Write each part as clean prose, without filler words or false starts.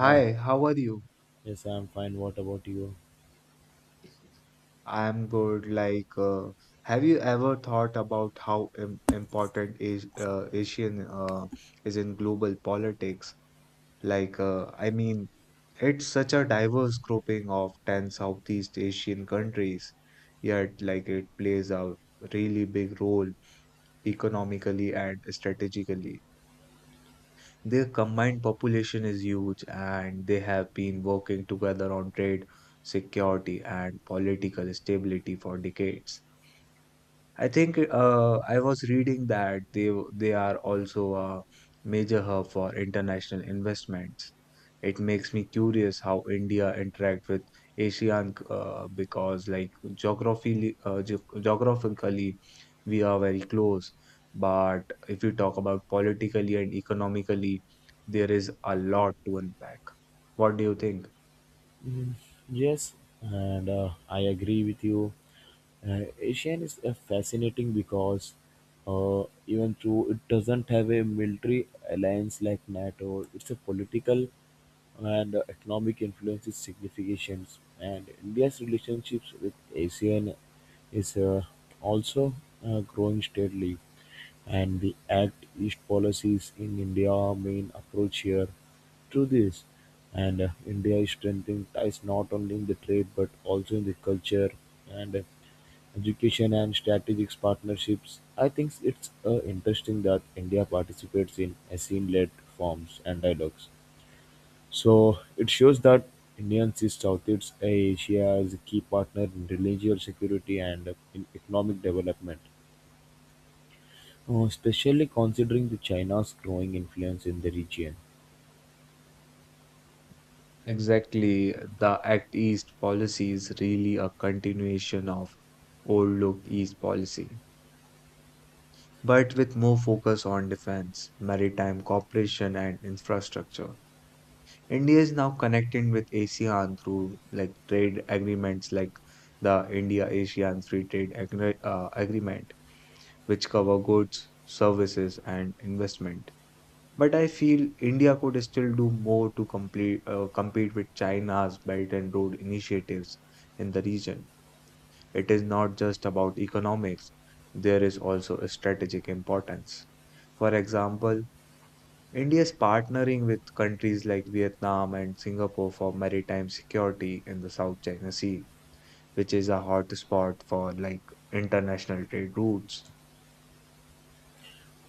Hi. how are you? Yes, I'm fine. What about you? I'm good. Have you ever thought about how im important is Asian is in global politics? I mean, it's such a diverse grouping of 10 Southeast Asian countries, yet like it plays a really big role economically and strategically. Their combined population is huge, and they have been working together on trade, security, and political stability for decades. I think I was reading that they are also a major hub for international investments. It makes me curious how India interact with ASEAN because like geographically geographically we are very close, but if you talk about politically and economically, there is a lot to unpack. What do you think? Yes, and I agree with you. Asian is fascinating because even though it doesn't have a military alliance like NATO, it's a political and economic influence is significant. And India's relationships with ASEAN is also growing steadily. And the Act East policies in India are main approach here to this. And India is strengthening ties not only in the trade but also in the culture and education and strategic partnerships. I think it's interesting that India participates in ASEAN led forms and dialogues. So it shows that Indian sees Southeast Asia as a key partner in regional security and in economic development. Especially considering the China's growing influence in the region. Exactly, the Act East policy is really a continuation of old Look East policy, but with more focus on defense, maritime cooperation, and infrastructure. India is now connecting with ASEAN through like trade agreements like the India ASEAN Free Trade Agreement, which cover goods, services, and investment. But I feel India could still do more to compete with China's Belt and Road initiatives in the region. It is not just about economics, there is also a strategic importance. For example, India is partnering with countries like Vietnam and Singapore for maritime security in the South China Sea, which is a hotspot for like international trade routes.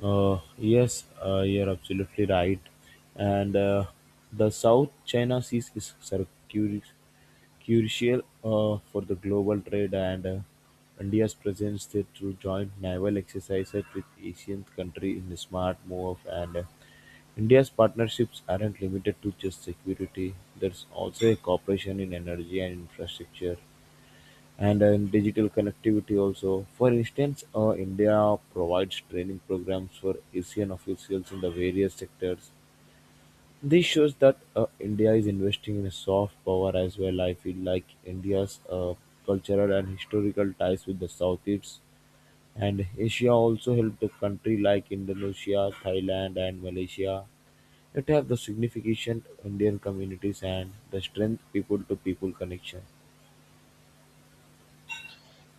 Yes, you're absolutely right. And The South China Sea is curi- crucial for the global trade, and India's presence there through joint naval exercises with Asian countries in a smart move. And India's partnerships aren't limited to just security. There's also a cooperation in energy and infrastructure. And In digital connectivity also. For instance, India provides training programs for ASEAN officials in the various sectors. This shows that India is investing in soft power as well. I feel like India's cultural and historical ties with the Southeast and Asia also helped the country like Indonesia, Thailand, and Malaysia that have the significant Indian communities and the strength people to people connection.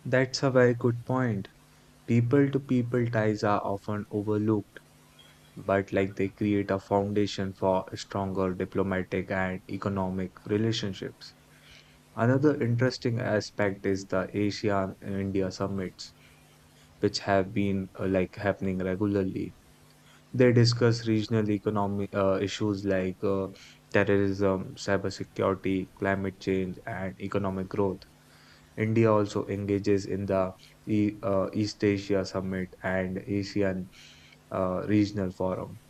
That's a very good point. People to people ties are often overlooked but like they create a foundation for stronger diplomatic and economic relationships. Another interesting aspect is the ASEAN and India summits, which have been like happening regularly. They discuss regional economic issues like terrorism, cybersecurity, climate change, and economic growth. India also engages in the East Asia Summit and ASEAN Regional Forum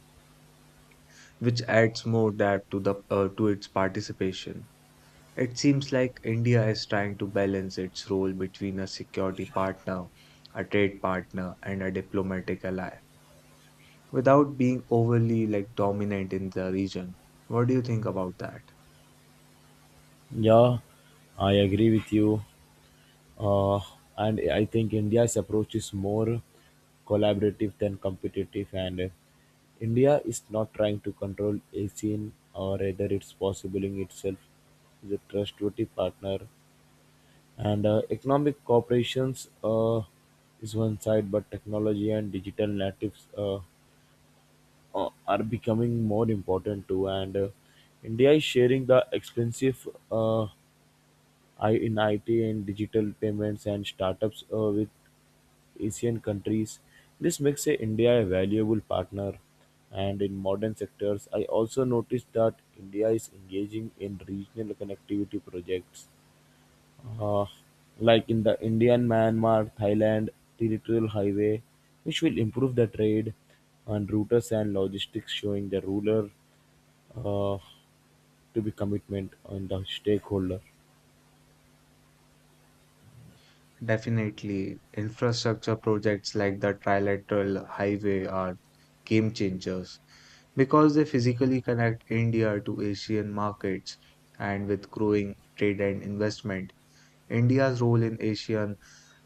which adds more depth to the to its participation. It seems like India is trying to balance its role between a security partner, a trade partner, and a diplomatic ally without being overly like dominant in the region. What do you think about that? Yeah, I agree with you. uh, and I think India's approach is more collaborative than competitive. And India is not trying to control a scene, or rather, it's possibling itself as a trustworthy partner. And Economic cooperations is one side, but technology and digital natives are becoming more important too. And India is sharing the expensive. I in IT and digital payments and startups with Asian countries. This makes India a valuable partner. And in modern sectors, I also noticed that India is engaging in regional connectivity projects, uh, like in the Indian Myanmar Thailand territorial highway, which will improve the trade and routers and logistics, showing the ruler uh, to be commitment on the stakeholder. Definitely, infrastructure projects like the trilateral highway are game changers because they physically connect India to Asian markets and with growing trade and investment. India's role in Asian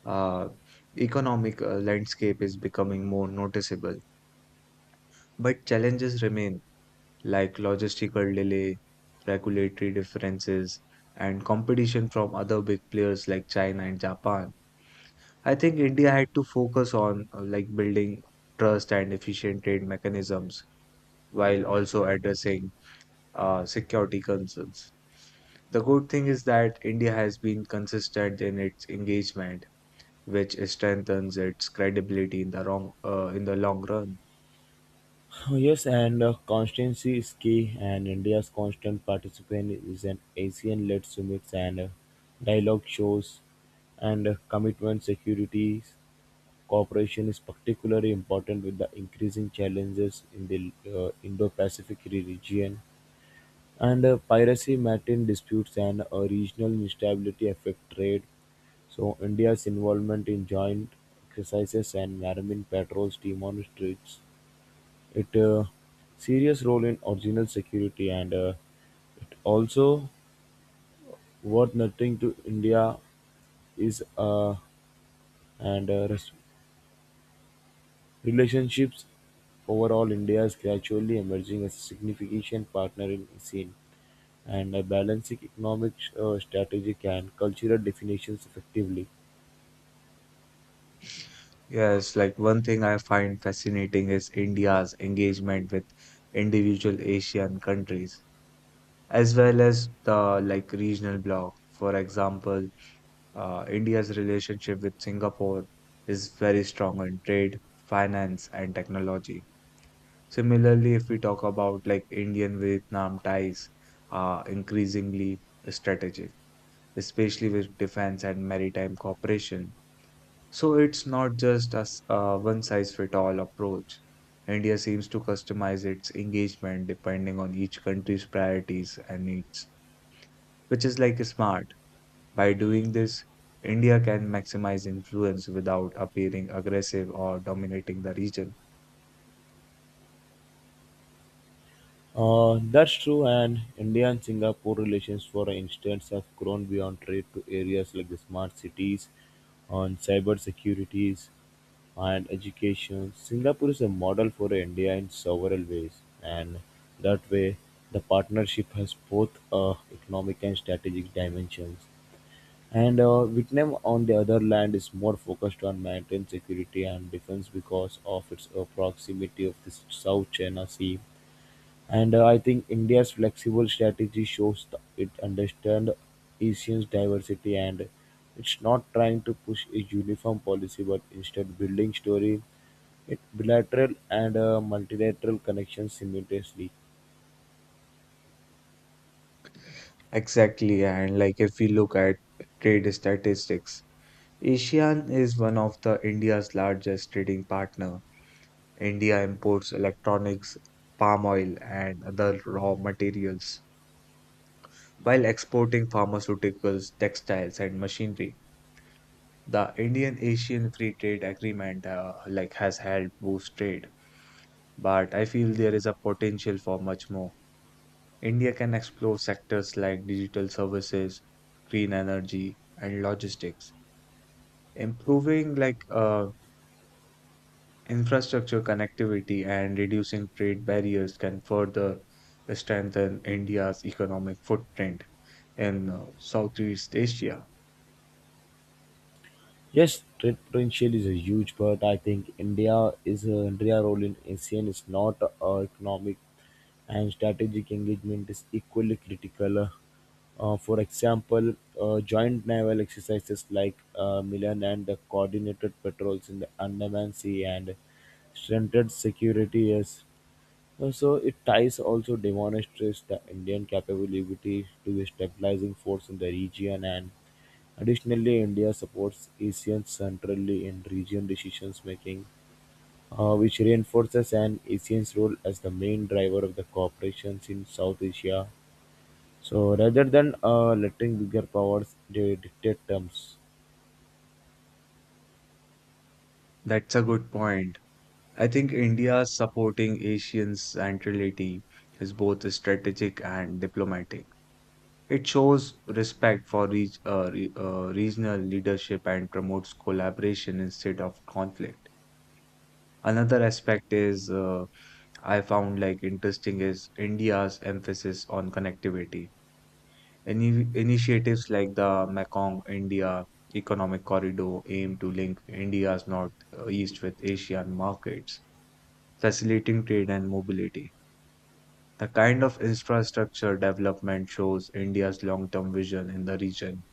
uh, economic landscape is becoming more noticeable. But challenges remain, like logistical delay, regulatory differences, and competition from other big players like China and Japan. I think India had to focus on like building trust and efficient trade mechanisms while also addressing security concerns. The good thing is that India has been consistent in its engagement which strengthens its credibility in the long run. Oh, yes, and constancy is key, and India's constant participation is an ASEAN led summits and dialogue shows, and commitment security cooperation is particularly important with the increasing challenges in the Indo Pacific region. And Piracy, maritime disputes, and regional instability affect trade. So, India's involvement in joint exercises and marine patrols demonstrates it serious role in original security and it also worth nothing to India is and relationships overall India is gradually emerging as a significant partner in scene and balancing economic strategic and cultural definitions effectively. Yes, like one thing I find fascinating is India's engagement with individual Asian countries as well as the like regional bloc. For example, India's relationship with Singapore is very strong in trade, finance, and technology. Similarly, if we talk about like Indian Vietnam ties are increasingly strategic, especially with defense and maritime cooperation. So it's not just a one-size-fits-all approach. India seems to customize its engagement depending on each country's priorities and needs, which is like smart. By doing this, India can maximize influence without appearing aggressive or dominating the region. That's true, and India and Singapore relations, for instance, have grown beyond trade to areas like the smart cities, on cyber securities, and education. Singapore is a model for India in several ways, and that way, the partnership has both economic and strategic dimensions. And Vietnam, on the other hand, is more focused on maritime security and defense because of its proximity of the South China Sea and I think India's flexible strategy shows it understands Asians' diversity and it's not trying to push a uniform policy but instead building story, it bilateral and multilateral connections simultaneously. Exactly, and like if we look at trade statistics, ASEAN is one of the India's largest trading partner. India imports electronics, palm oil, and other raw materials, while exporting pharmaceuticals, textiles, and machinery. The Indian Asian Free Trade Agreement like has helped boost trade, but I feel there is a potential for much more. India can explore sectors like digital services, green energy, and logistics, improving infrastructure connectivity and reducing trade barriers can further strengthen India's economic footprint in Southeast Asia. Yes, trade potential is a huge, but I think India is India role in ASEAN is not economic and strategic engagement is equally critical. For example, joint naval exercises like Milan and the coordinated patrols in the Andaman Sea and strengthened security is so it ties also demonstrates the Indian capability to be stabilizing force in the region and additionally, India supports ASEAN centrally in region decision-making, which reinforces an ASEAN's role as the main driver of the cooperations in South Asia. So rather than letting bigger powers dictate terms. That's a good point. I think India's supporting Asian centrality is both strategic and diplomatic. It shows respect for regional leadership and promotes collaboration instead of conflict. Another aspect is I found like interesting is India's emphasis on connectivity. Initiatives like the Mekong India Economic Corridor aim to link India's northeast with Asian markets, facilitating trade and mobility. The kind of infrastructure development shows India's long-term vision in the region,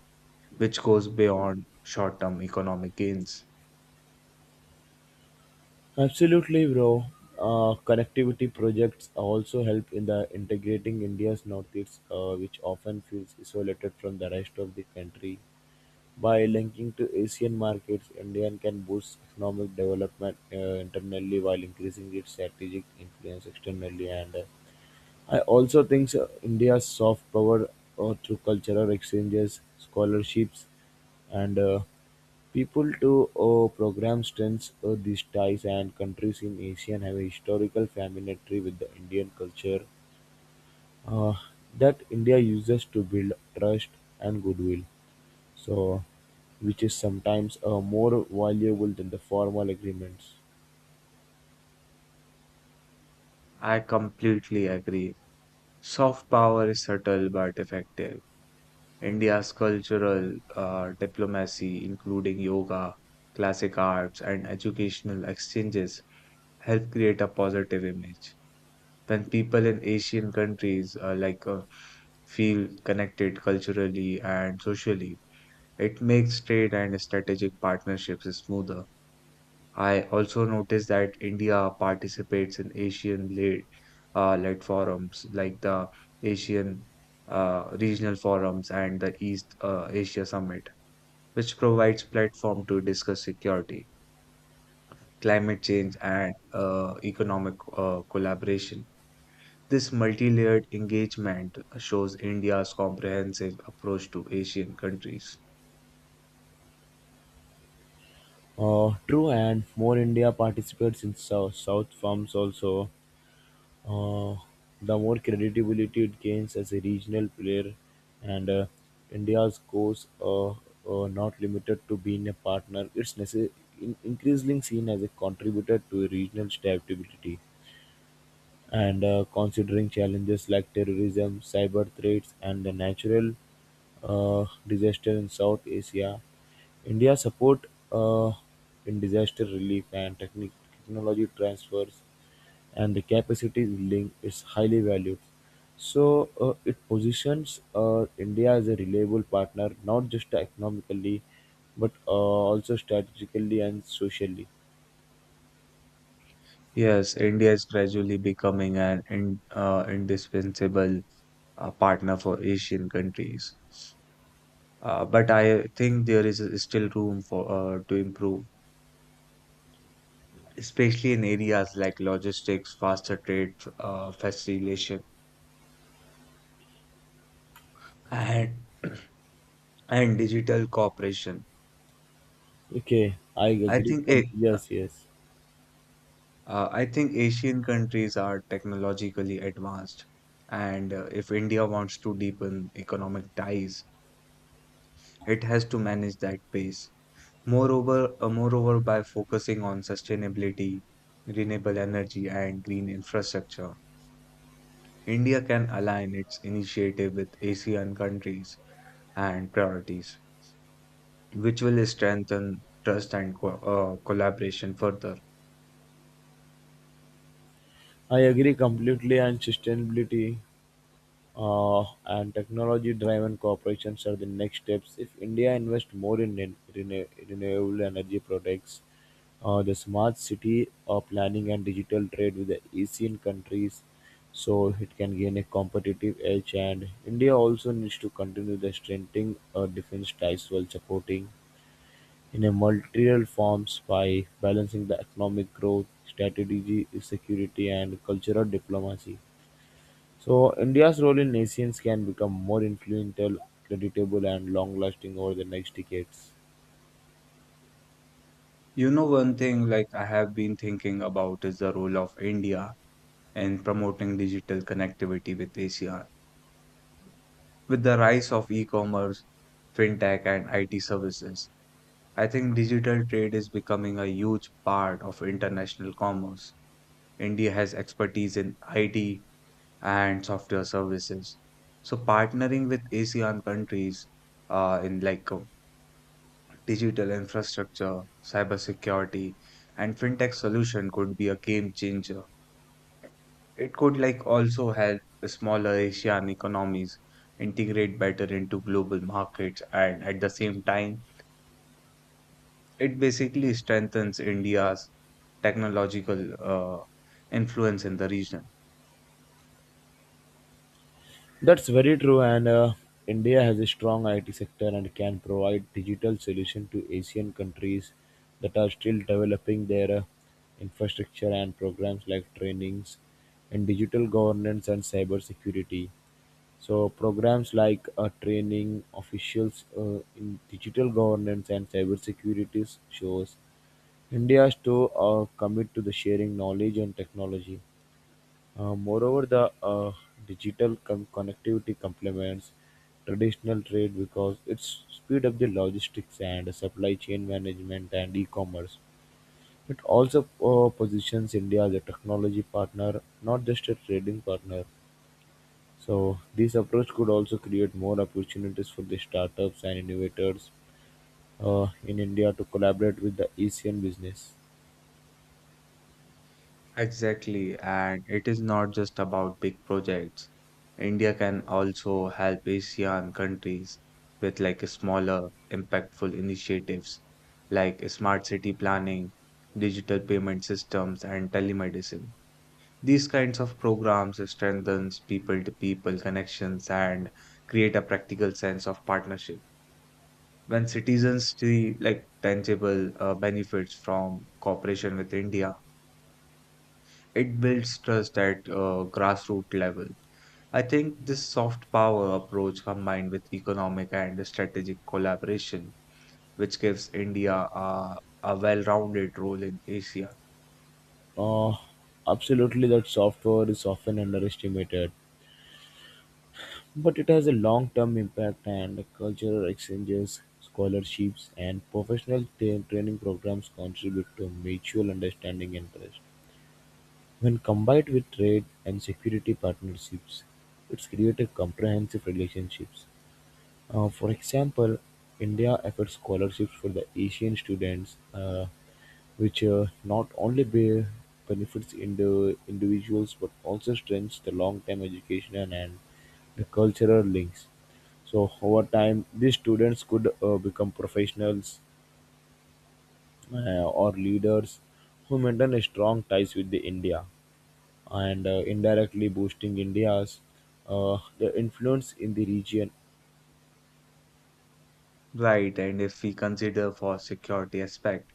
which goes beyond short-term economic gains. Absolutely, bro. Connectivity projects also help in the integrating India's northeast, which often feels isolated from the rest of the country. By linking to Asian markets, India can boost economic development internally while increasing its strategic influence externally. And I also think India's soft power through cultural exchanges, scholarships, and people to program strengths these ties and countries in asia have a historical familiarity with the indian culture uh, that india uses to build trust and goodwill so, which is sometimes more valuable than the formal agreements. I completely agree. Soft power is subtle but effective. India's cultural diplomacy, including yoga, classic arts, and educational exchanges, help create a positive image. When people in Asian countries feel connected culturally and socially, it makes trade and strategic partnerships smoother. I also noticed that India participates in Asian-led -led forums like the Asian regional forums and the East Asia Summit which provides platform to discuss security, climate change, and economic collaboration. This multi-layered engagement shows India's comprehensive approach to Asian countries. True, and more India participates in South, South firms also, uh, the more credibility it gains as a regional player, and India's goals are not limited to being a partner. It's increasingly seen as a contributor to regional stability. And Considering challenges like terrorism, cyber threats, and the natural disaster in South Asia, India support uh, in disaster relief and technology transfers and the capacity building is highly valued. So it positions India as a reliable partner, not just economically, but also strategically and socially. Yes, India is gradually becoming indispensable partner for Asian countries. But I think there is still room for to improve, especially in areas like logistics, faster trade, facilitation, and and digital cooperation. Okay, I I agree. think it, Yes, yes. I think Asian countries are technologically advanced, and if India wants to deepen economic ties, it has to manage that pace. Moreover, by focusing on sustainability, renewable energy, and green infrastructure, India can align its initiative with ASEAN countries and priorities, which will strengthen trust and collaboration further. I agree completely, and sustainability uh, and technology-driven corporations are the next steps. If India invests more in renewable energy products, the smart city planning and digital trade with the ASEAN countries, so it can gain a competitive edge. And India also needs to continue the strengthening defense ties while supporting in a multilateral forms by balancing the economic growth, strategy, security, and cultural diplomacy. So, India's role in Asians can become more influential, creditable, and long lasting over the next decades. You know, one thing like I have been thinking about is the role of India in promoting digital connectivity with ASEAN. With the rise of e-commerce, fintech, and IT services, I think digital trade is becoming a huge part of international commerce. India has expertise in IT and software services. So partnering with ASEAN countries in digital infrastructure, cybersecurity, and fintech solution could be a game changer. It could like also help the smaller Asian economies integrate better into global markets and at the same time it basically strengthens India's technological uh, influence in the region. That's very true, and India has a strong IT sector and can provide digital solution to Asian countries that are still developing their infrastructure and programs like trainings in digital governance and cyber security. So programs like training officials in digital governance and cybersecurity shows India's too commit to the sharing knowledge and technology. Moreover, the digital connectivity complements traditional trade because it speed up the logistics and supply chain management and e-commerce. It also positions India as a technology partner, not just a trading partner. So this approach could also create more opportunities for the startups and innovators in India to collaborate with the ASEAN business. Exactly, and it is not just about big projects. India can also help ASEAN countries with like smaller impactful initiatives like smart city planning, digital payment systems and telemedicine. These kinds of programs strengthens people-to-people connections and create a practical sense of partnership. When citizens see like tangible benefits from cooperation with India, it builds trust at grassroots level. I think this soft power approach combined with economic and strategic collaboration, which gives India a well-rounded role in Asia. Uh, Absolutely, that software is often underestimated, but it has a long term impact and cultural exchanges, scholarships, and professional training programs contribute to mutual understanding and trust. When combined with trade and security partnerships, it's created comprehensive relationships. For example, India offers scholarships for the Asian students, which not only benefits in the individuals but also strengthens the long-term education and the cultural links. So over time, these students could become professionals or leaders who maintain a strong ties with the India and indirectly boosting India's the influence in the region. Right, and if we consider for security aspect,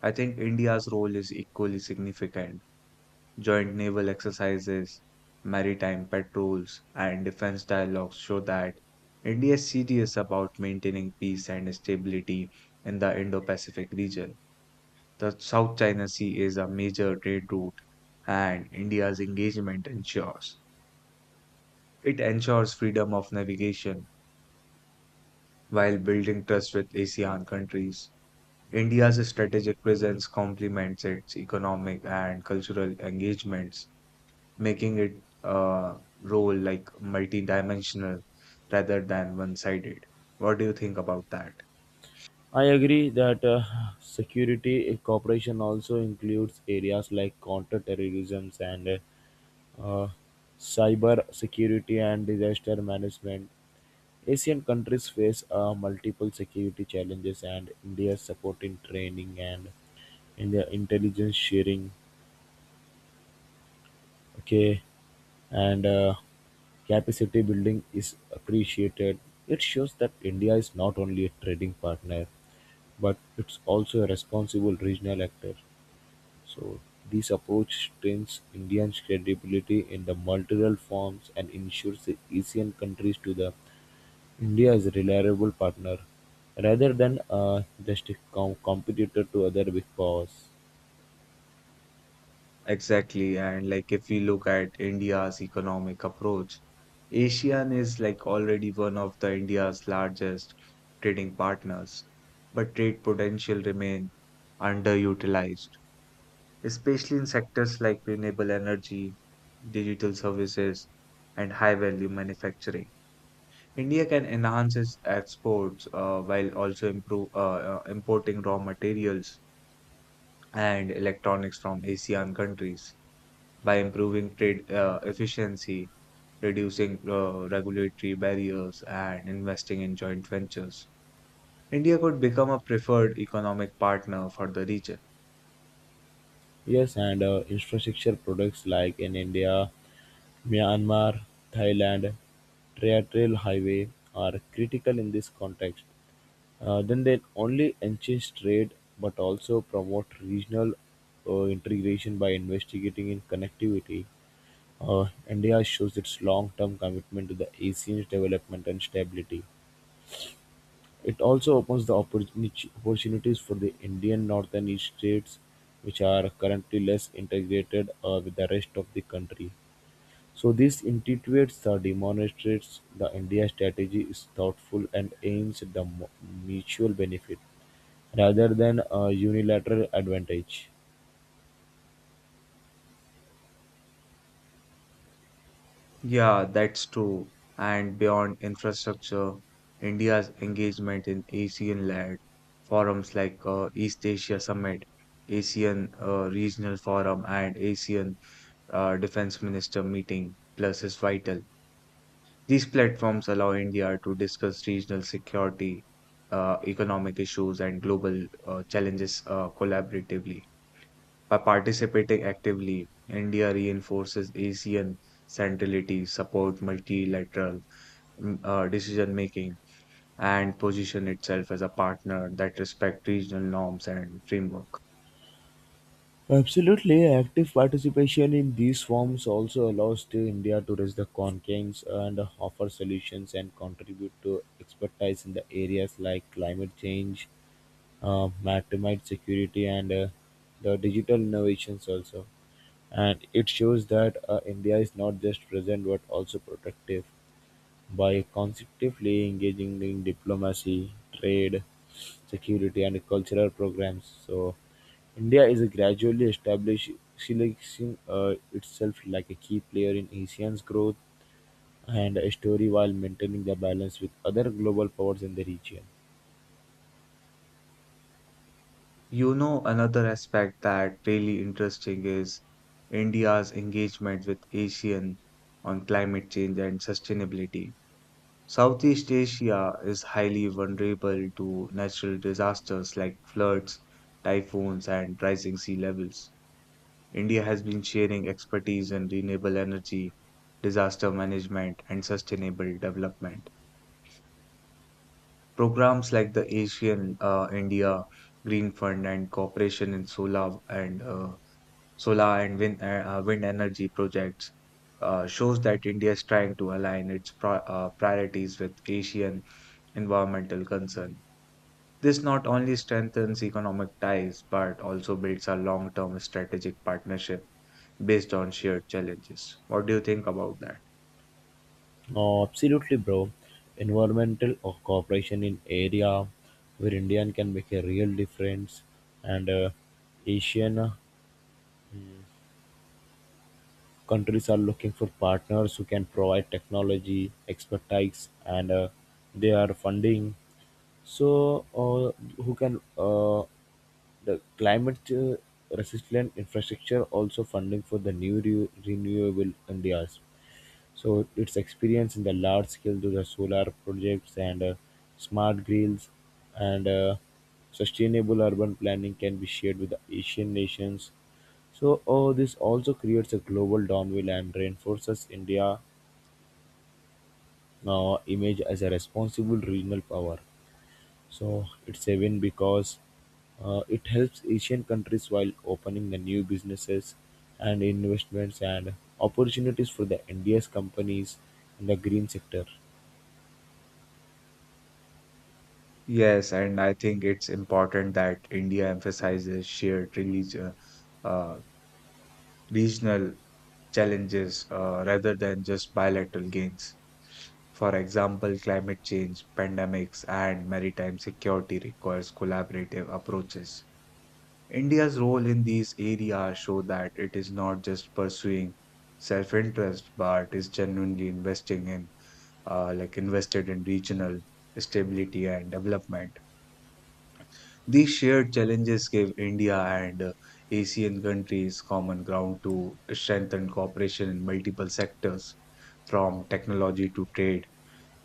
I think India's role is equally significant. Joint naval exercises, maritime patrols, and defense dialogues show that India is serious about maintaining peace and stability in the Indo Pacific region. The South China Sea is a major trade route, and India's engagement ensures it ensures freedom of navigation while building trust with ASEAN countries. India's strategic presence complements its economic and cultural engagements making it a role like multidimensional rather than one-sided. What do you think about that? I agree that security cooperation also includes areas like counter-terrorism and uh, uh, cyber security and disaster management. Asian countries face multiple security challenges, and India's support in training and in the intelligence sharing, okay, and capacity building is appreciated. It shows that India is not only a trading partner but it's also a responsible regional actor. So this approach strengthens India's credibility in the multilateral forums and ensures the ASEAN countries to the India as a reliable partner rather than just a competitor to other big powers. Exactly, and like if we look at India's economic approach, ASEAN is like already one of the India's largest trading partners, but trade potential remain underutilized, especially in sectors like renewable energy, digital services, and high-value manufacturing. India can enhance its exports while also importing raw materials and electronics from ASEAN countries by improving trade efficiency, reducing regulatory barriers, and investing in joint ventures. India could become a preferred economic partner for the region. Yes, and infrastructure products like in India, Myanmar, Thailand, terrestrial highway are critical in this context. Then they only enhance trade but also promote regional integration by investigating in connectivity. India shows its long-term commitment to the ASEAN's development and stability. It also opens the opportunities for the Indian northern states, which are currently less integrated with the rest of the country. So this intuitively the demonstrates the India strategy is thoughtful and aims at the mutual benefit rather than a unilateral advantage. Yeah, that's true. And beyond infrastructure, India's engagement in ASEAN led forums like East Asia Summit, ASEAN Regional Forum, and ASEAN Defense Minister Meeting Plus is vital. These platforms allow India to discuss regional security, economic issues, and global challenges collaboratively. By participating actively, India reinforces ASEAN centrality, support multilateral decision making, and position itself as a partner that respect regional norms and framework. Absolutely, active participation in these forums also allows to India to raise the conscience and offer solutions and contribute to expertise in the areas like climate change, maritime security, and the digital innovations also. And it shows that India is not just present but also protective. By constructively engaging in diplomacy, trade, security and cultural programs, so India is gradually establishing itself like a key player in ASEAN's growth and story while maintaining the balance with other global powers in the region. You know, another aspect that really interesting is India's engagement with ASEAN on climate change and sustainability. Southeast Asia is highly vulnerable to natural disasters like floods, typhoons, and rising sea levels. India has been sharing expertise in renewable energy, disaster management, and sustainable development. Programs like the Asian India Green Fund and cooperation in solar and wind wind energy projects shows that India is trying to align its priorities with Asian environmental concern. This not only strengthens economic ties but also builds a long-term strategic partnership based on shared challenges. What do you think about that? Oh, absolutely, bro. Environmental or cooperation in area where Indian can make a real difference, and Asian countries are looking for partners who can provide technology, expertise, and they are funding. So, who can the climate resilient infrastructure also funding for the new renewable India's. So its experience in the large scale to the solar projects and smart grids and sustainable urban planning can be shared with the Asian nations. So this also creates a global downwill and reinforces India image as a responsible regional power. So it's a win because it helps Asian countries while opening the new businesses and investments and opportunities for the India's companies in the green sector. Yes, and I think it's important that India emphasizes shared religion, uh, uh, regional challenges rather than just bilateral gains. For example, climate change, pandemics, and maritime security requires collaborative approaches. India's role in these areas show that it is not just pursuing self-interest, but is genuinely investing in invested in regional stability and development. These shared challenges gave India and ASEAN countries common ground to strengthen cooperation in multiple sectors, from technology to trade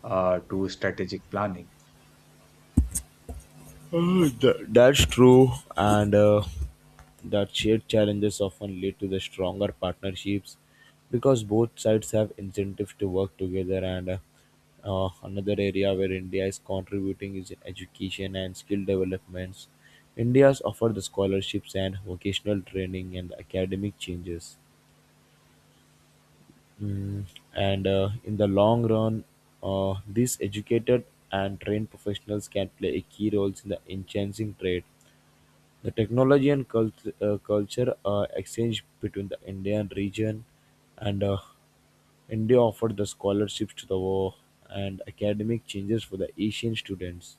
to strategic planning. That's true, and that shared challenges often lead to the stronger partnerships because both sides have incentives to work together. And another area where India is contributing is in education and skill developments. India's offer the scholarships and vocational training and academic changes. Mm, and in the long run, these educated and trained professionals can play a key role in the enhancing trade the technology and culture are exchanged between the Indian region and India offered the scholarships to the war and academic changes for the Asian students.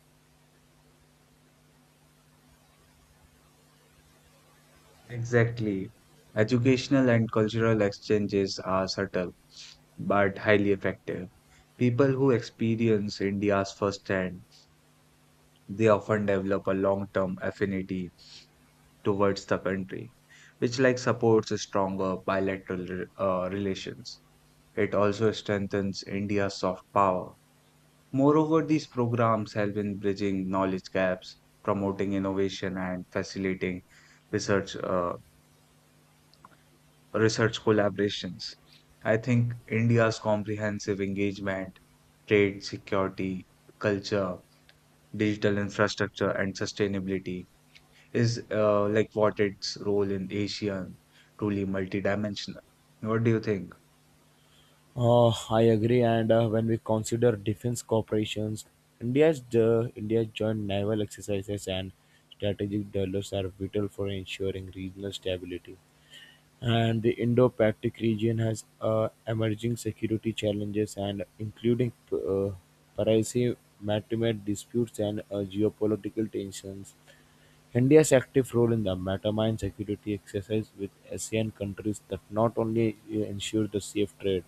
Exactly. Educational and cultural exchanges are subtle but highly effective. People who experience India's firsthand, they often develop a long-term affinity towards the country, which like supports stronger bilateral relations. It also strengthens India's soft power. Moreover, these programs help in bridging knowledge gaps, promoting innovation, and facilitating research uh, research collaborations. I think India's comprehensive engagement, trade, security, culture, digital infrastructure, and sustainability is what its role in Asian truly multidimensional. What do you think? I agree, and when we consider defense corporations, India's the India's joint naval exercises and strategic dialogues are vital for ensuring regional stability. And the Indo-Pacific region has emerging security challenges, and including pervasive maritime disputes and geopolitical tensions. India's active role in the maritime security exercise with ASEAN countries that not only ensure the safe trade,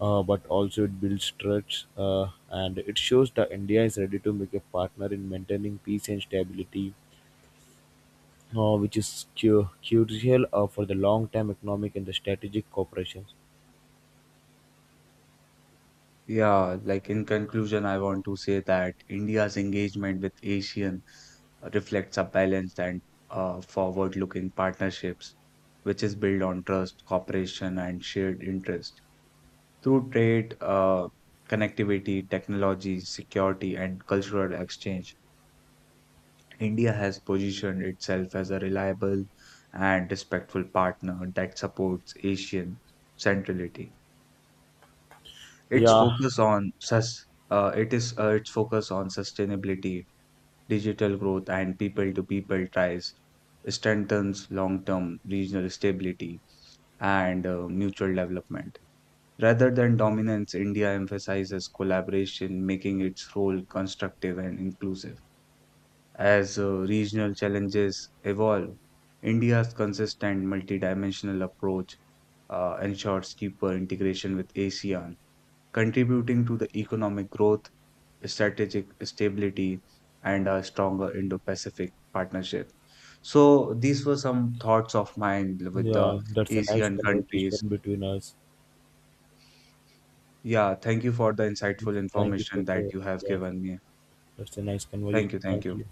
but also it builds trust, and it shows that India is ready to make a partner in maintaining peace and stability which is crucial for the long-term economic and the strategic cooperation. Yeah, like in conclusion, I want to say that India's engagement with ASEAN reflects a balanced and forward-looking partnerships, which is built on trust, cooperation, and shared interest through trade, connectivity, technology, security, and cultural exchange. India has positioned itself as a reliable and respectful partner that supports Asian centrality. Its Yeah, focus on sus it is its focus on sustainability, digital growth, and people-to-people ties strengthens long-term regional stability and mutual development. Rather than dominance, India emphasizes collaboration, making its role constructive and inclusive. As regional challenges evolve, India's consistent multidimensional approach ensures deeper integration with ASEAN, contributing to the economic growth, strategic stability, and a stronger Indo Pacific partnership. So, these were some thoughts of mine with the yeah, that's a nice ASEAN conversation countries. between us. Yeah, thank you for the insightful Thank you for information that the, you have yes, given me. that's a nice conversation. Thank you, thank Thank you. you.